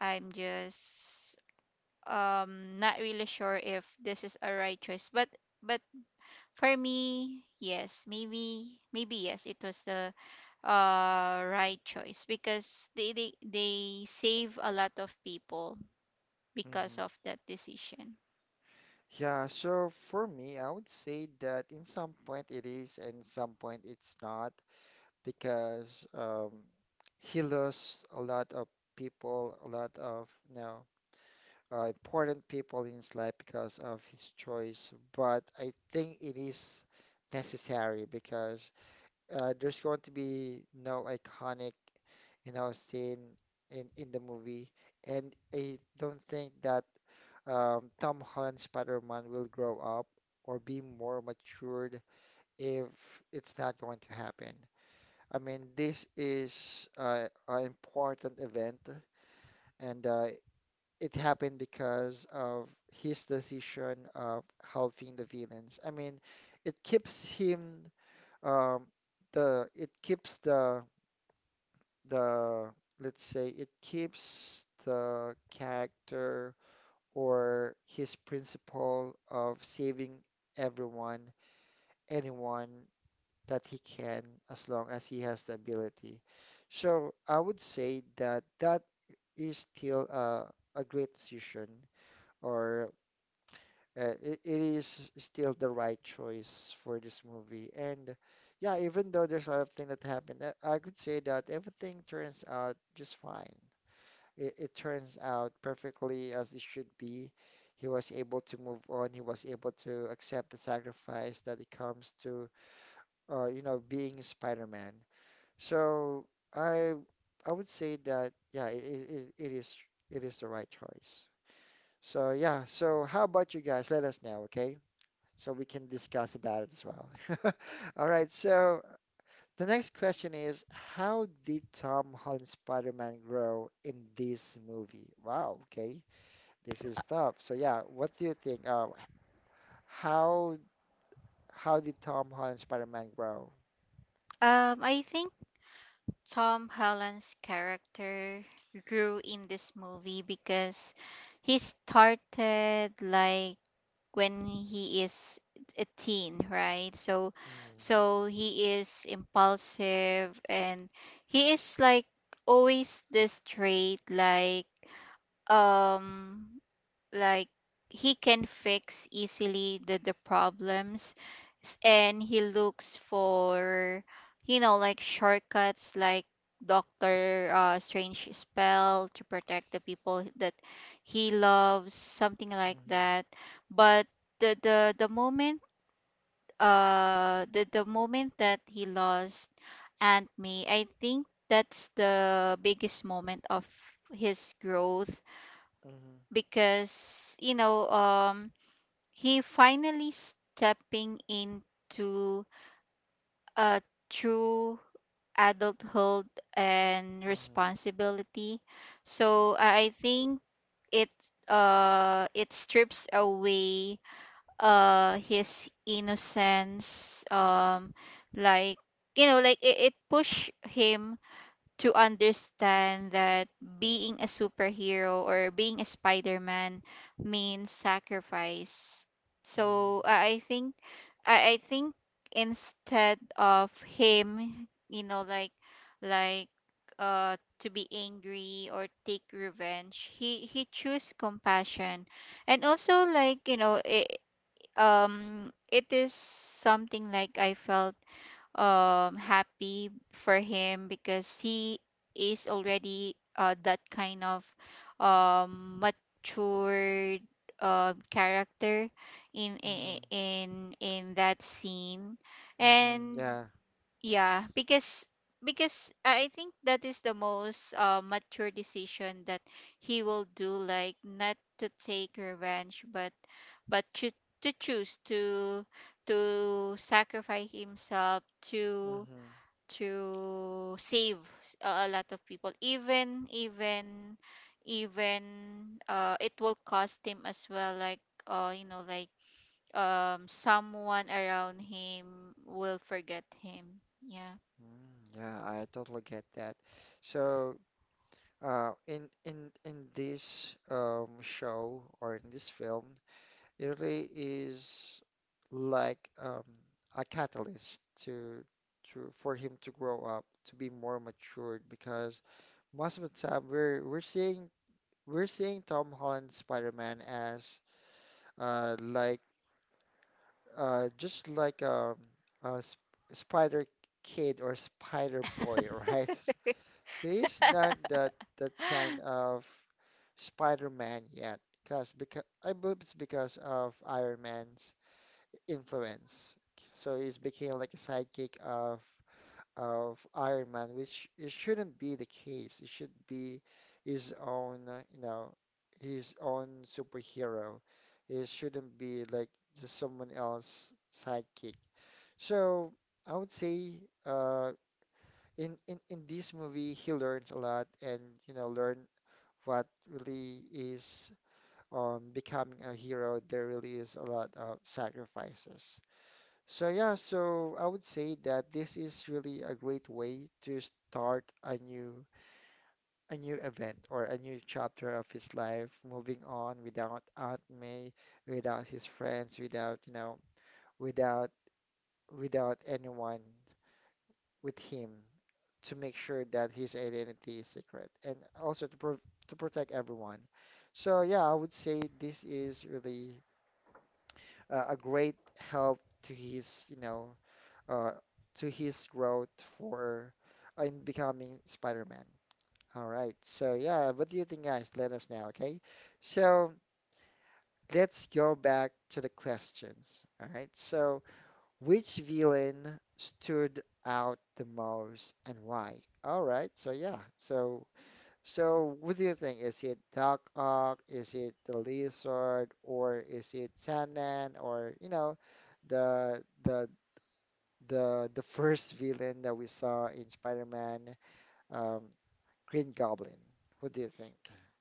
Speaker 2: I'm just not really sure if this is a right choice, but but for me, yes, maybe yes, it was the right choice because they save a lot of people because of
Speaker 1: Mm-hmm.
Speaker 2: that decision.
Speaker 1: Yeah, so for me, I would say that in some point it is and some point it's not because he lost a lot of people, a lot of you know, important people in his life because of his choice. But I think it is necessary because there's going to be no iconic, you know, scene in the movie, and I don't think that Tom Holland Spider-Man will grow up or be more matured if it's not going to happen. I mean, this is an important event, and it happened because of his decision of helping the villains. I mean, it keeps him um, it keeps the let's say it keeps the character or his principle of saving everyone, anyone that he can, as long as he has the ability. So I would say that that is still a great decision, or it is still the right choice for this movie. And yeah, even though there's a lot of things that happened, I could say that everything turns out just fine, it turns out perfectly as it should be. He was able to move on. He was able to accept the sacrifice that it comes to, you know, being Spider-Man. So I I would say that yeah, it is it is the right choice. So yeah, so how about you guys? Let us know, okay? So we can discuss about it as well. All right, so the next question is, how did Tom Holland's Spider-Man grow in this movie? Wow, okay. This is tough. So yeah, what do you think? How how did Tom Holland Spider-Man grow?
Speaker 2: I think Tom Holland's character grew in this movie because he started like when he is a teen, right? So
Speaker 1: Mhm.
Speaker 2: so he is impulsive and he is like always this trait, um like he can fix easily the problems, and he looks for you know like shortcuts like doctor strange spell to protect the people that he loves, something like
Speaker 1: Mhm.
Speaker 2: that. But the the, the moment the moment that he lost Aunt May, I think that's the biggest moment of his growth
Speaker 1: Mhm.
Speaker 2: because you know he finally stepping into a true adulthood and
Speaker 1: Mhm.
Speaker 2: responsibility. So I think it it strips away his innocence. Like you know like it push him to understand that being a superhero or being a Spider-Man means sacrifice. So I think instead of him, you know, like like to be angry or take revenge, he choose compassion. And also like, you know, it is something like I felt happy for him because he is already that kind of matured character in, in
Speaker 1: Mhm.
Speaker 2: in in that scene.
Speaker 1: Mhm. Mhm.
Speaker 2: And
Speaker 1: Yeah.
Speaker 2: yeah, because I think that is the most mature decision that he will do, like not to take revenge, but to choose to sacrifice himself to
Speaker 1: Mhm.
Speaker 2: save a lot of people, even even it will cost him as well, like you know, like someone around him will forget him. Yeah.
Speaker 1: Mhm. Yeah, I totally get that. So, in this show or in this film, it really is like a catalyst to for him to grow up, to be more matured because most of the time we're seeing we're seeing Tom Holland Spider-Man as like just like a sp Spider Kid or Spider Boy, right? So he's not that kind of Spider-Man yet, because I believe it's because of Iron Man's influence. So he's became like a sidekick of Iron Man, which it shouldn't be the case. It should be his own, you know, his own superhero. It shouldn't be like just someone else's sidekick. So I would say, in this movie, he learned a lot, and you know, learned what really is on becoming a hero. There really is a lot of sacrifices. So yeah, so I would say that this is really a great way to start a new event or a new chapter of his life, moving on without Aunt May, without his friends, without, you know, without without anyone with him to make sure that his identity is secret and also to pro to protect everyone. So yeah, I would say this is really a great help to his, you know, uh, to his growth for in becoming Spider-Man. All right. So yeah, what do you think, guys? Let us know, okay? So let's go back to the questions. All right. So which villain stood out the most and why? All right. So yeah. So so what do you think? Is it Doc Ock? Is it the Lizard? Or is it Sandman? Or you know, the the first villain that we saw in Spider-Man, um, Green Goblin. What do you think?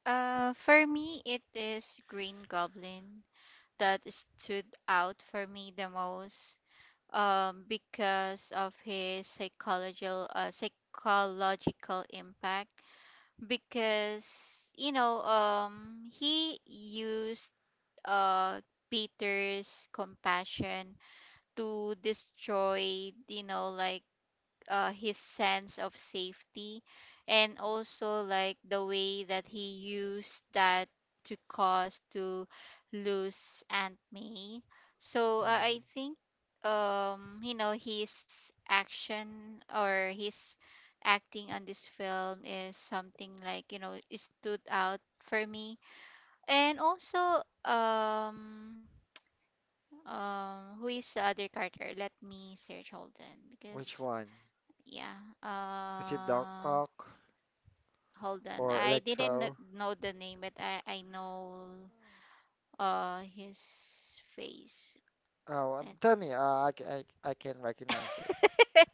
Speaker 2: Uh, for me, it is Green Goblin that stood out for me the most, because of his psychological psychological impact. Because you know, he used uh Peter's compassion to destroy, you know, like his sense of safety and also like the way that he used that to cause to lose Aunt May. So
Speaker 1: Mm.
Speaker 2: I think you know his action or his acting on this film is something like you know it stood out for me. And also who is the other character? Let me search, hold on,
Speaker 1: Which
Speaker 2: because
Speaker 1: one?
Speaker 2: yeah.
Speaker 1: Is it Doc
Speaker 2: Uh,
Speaker 1: Ock
Speaker 2: hold on.
Speaker 1: or
Speaker 2: I didn't
Speaker 1: Electro?
Speaker 2: know the name, but I know his face.
Speaker 1: Oh, tell me. I, c- I I can recognize it.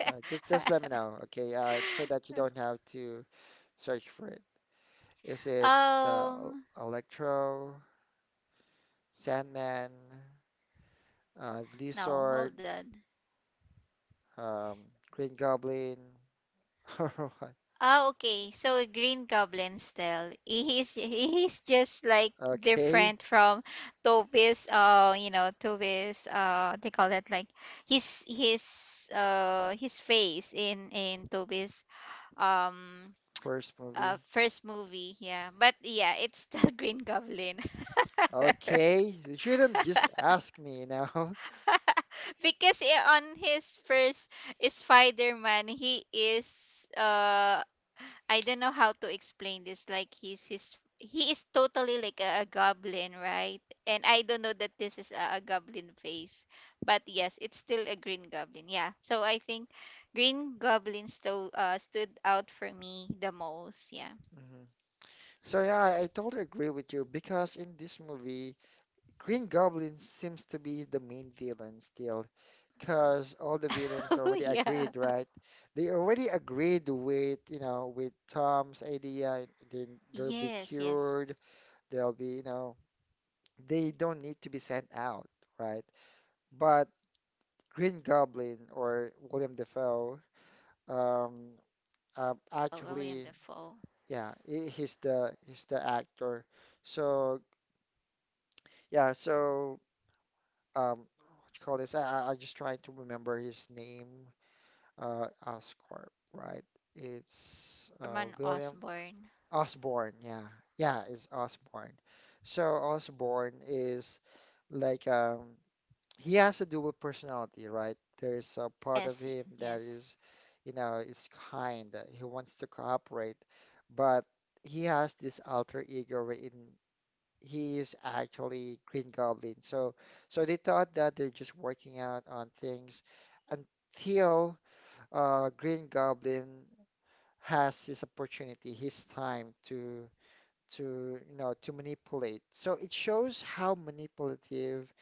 Speaker 1: Just let me know, okay? So that you don't have to search for it. Is it
Speaker 2: um.
Speaker 1: Electro, Sandman,
Speaker 2: No, hold
Speaker 1: Lizard,
Speaker 2: on.
Speaker 1: um, Green Goblin? All right.
Speaker 2: Ah, okay. So Green Goblin still. He's just like
Speaker 1: Okay.
Speaker 2: different from Toby's. You know, Toby's. They call that like his his his face in Toby's um
Speaker 1: First movie.
Speaker 2: first movie, yeah. But yeah, it's the Green Goblin.
Speaker 1: Okay, you shouldn't just ask me, you know.
Speaker 2: Because on his first Spider-Man, he is I don't know how to explain this, like he is totally like a goblin, right? And I don't know that this is a goblin face, but yes, it's still a Green Goblin. Yeah, so I think Green Goblin stood out for me the most. Yeah.
Speaker 1: Hmm. So yeah, I totally agree with you because in this movie, Green Goblin seems to be the main villain still, because all the villains already
Speaker 2: Yeah.
Speaker 1: agreed, right? They already agreed with, you know, with Tom's idea, they, they'll be
Speaker 2: Yes, yes.
Speaker 1: cured, they'll be, you know, they don't need to be sent out, right? But Green Goblin or William Dafoe, um,
Speaker 2: Oh, William
Speaker 1: actually.
Speaker 2: Dafoe.
Speaker 1: Yeah, he's the actor. So yeah, so what you call this? I just trying to remember his name. Oscorp, right? It's
Speaker 2: Norman
Speaker 1: William
Speaker 2: Osborn.
Speaker 1: Osborne. Yeah, yeah, it's Osborne. So Osborne is like he has a dual personality, right? There's a part of
Speaker 2: Yes,
Speaker 1: him that
Speaker 2: yes,
Speaker 1: is, you know, is kind. He wants to cooperate, but he has this alter ego wherein he is actually Green Goblin. So so they thought that they're just working out on things until Green Goblin has his opportunity, his time to you know to manipulate. So it shows how manipulative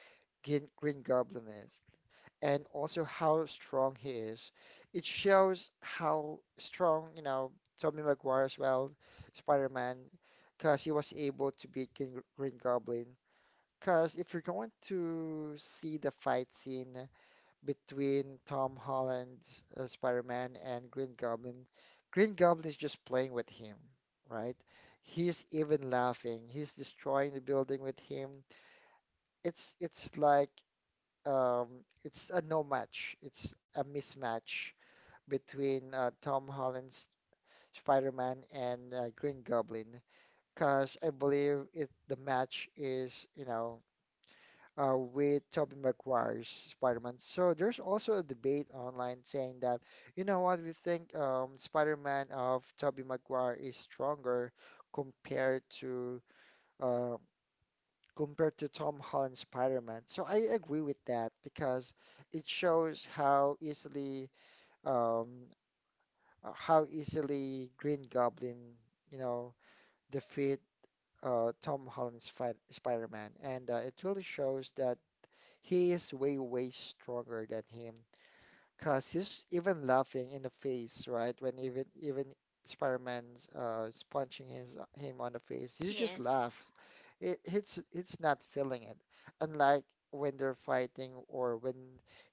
Speaker 1: Green Goblin is. And also how strong he is. It shows how strong, you know, Tobey Maguire as well, Spider-Man, because he was able to beat Green Goblin because if you're going to see the fight scene between Tom Holland's Spider-Man and Green Goblin, Green Goblin is just playing with him, right? He's even laughing. He's destroying the building with him. It's like um, it's a no match. It's a mismatch between Tom Holland's Spider-Man and Green Goblin. Because I believe it the match is, you know with Tobey Maguire's Spider-Man. So there's also a debate online saying that, you know what, we think Spider-Man of Tobey Maguire is stronger compared to uh, compared to Tom Holland's Spider-Man. So I agree with that because it shows um, how easily Green Goblin, you know, defeat Tom Holland's Spider-Man, and it really shows that he is way, way stronger than him. Cause he's even laughing in the face, right? When even Spider-Man's is punching his him on the face, he's just
Speaker 2: yes.
Speaker 1: laugh. It's not feeling it. Unlike when they're fighting or when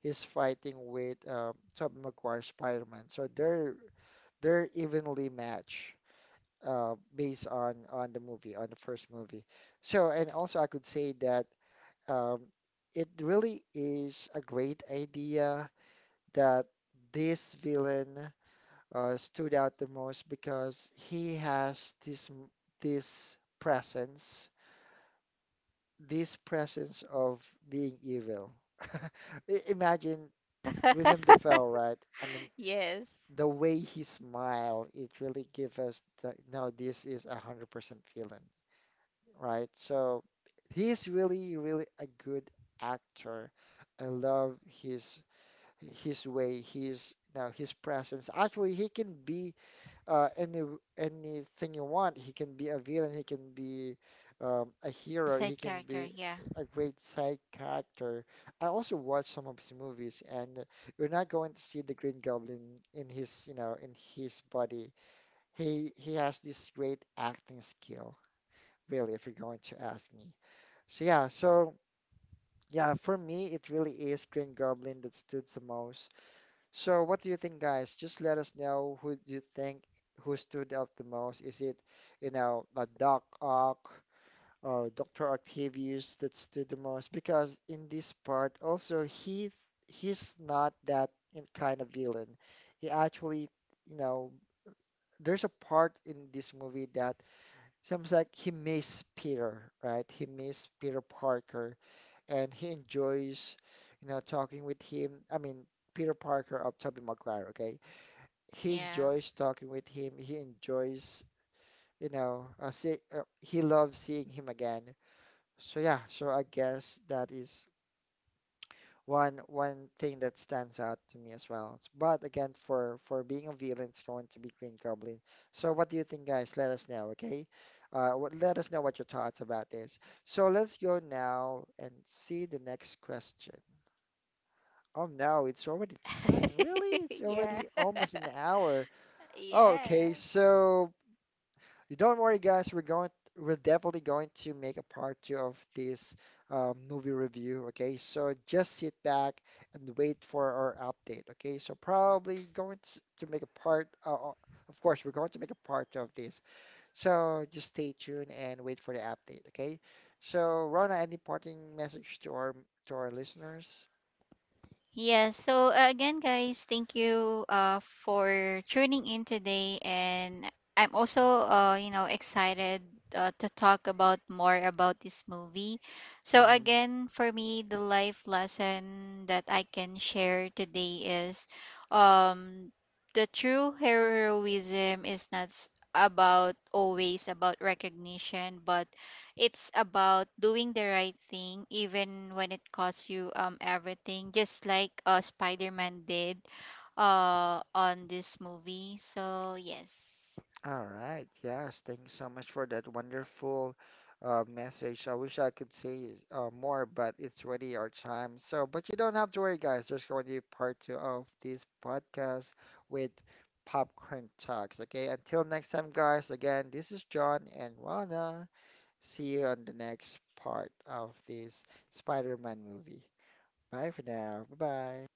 Speaker 1: he's fighting with Tobey Maguire Spider-Man. So they're evenly matched based on the movie, on the first movie. So and also I could say that um, it really is a great idea that this villain stood out the most because he has this this presence, this presence of being evil. Imagine William Dafoe, right? I mean,
Speaker 2: Yes.
Speaker 1: the way he smile, it really gives us the, no, this is 100% villain, right? So he's really, really a good actor. I love his way, his now his presence. Actually, he can be uh, any anything you want. He can be a villain. He can be a hero. He
Speaker 2: Side
Speaker 1: can
Speaker 2: character,
Speaker 1: be
Speaker 2: yeah,
Speaker 1: a great side character. I also watched some of his movies, and you're not going to see the Green Goblin in his you know in his body. He has this great acting skill, really, if you're going to ask me. So yeah, so. Yeah, for me, it really is Green Goblin that stood the most so, what do you think, guys? Just let us know who do you think who stood out the most. Is it, you know, a Doc Ock or Dr. Octavius that stood the most? Because in this part, also he's not that kind of villain. He actually, you know, there's a part in this movie that seems like he miss Peter, right? He miss Peter Parker, and he enjoys, you know, talking with him. I mean, Peter Parker of Tobey Maguire, okay? He
Speaker 2: yeah.
Speaker 1: enjoys talking with him. He enjoys, you know, he loves seeing him again. So yeah, so I guess that is one one thing that stands out to me as well. But again, for being a villain, it's going to be Green Goblin. So what do you think, guys? Let us know, okay? Let us know what your thoughts about this. So let's go now and see the next question. Oh no, it's already time. Really? It's
Speaker 2: Yeah.
Speaker 1: already almost an hour. Oh,
Speaker 2: Yeah.
Speaker 1: okay, so don't worry, guys. We're going. We're definitely going to make a part two of this movie review. Okay, so just sit back and wait for our update. Okay, so probably going to make a part. Of course, we're going to make a part two of this. So just stay tuned and wait for the update. Okay. So, Rona, any parting message to our listeners?
Speaker 2: Yeah, so again, guys, thank you for tuning in today. And I'm also, you know, excited to talk about more about this movie. So,
Speaker 1: Hmm.
Speaker 2: again, for me, the life lesson that I can share today is um, the true heroism is not about always about recognition, but it's about doing the right thing even when it costs you everything, just like Spider-Man did on this movie. So yes.
Speaker 1: All right. Yes. Thank you so much for that wonderful message. I wish I could say more, but it's already our time. So, but you don't have to worry, guys. There's going to be part two of this podcast with Popcorn Talks. Okay. Until next time, guys. Again, this is John and Rana. See you on the next part of this Spider-Man movie. Bye for now. Bye bye.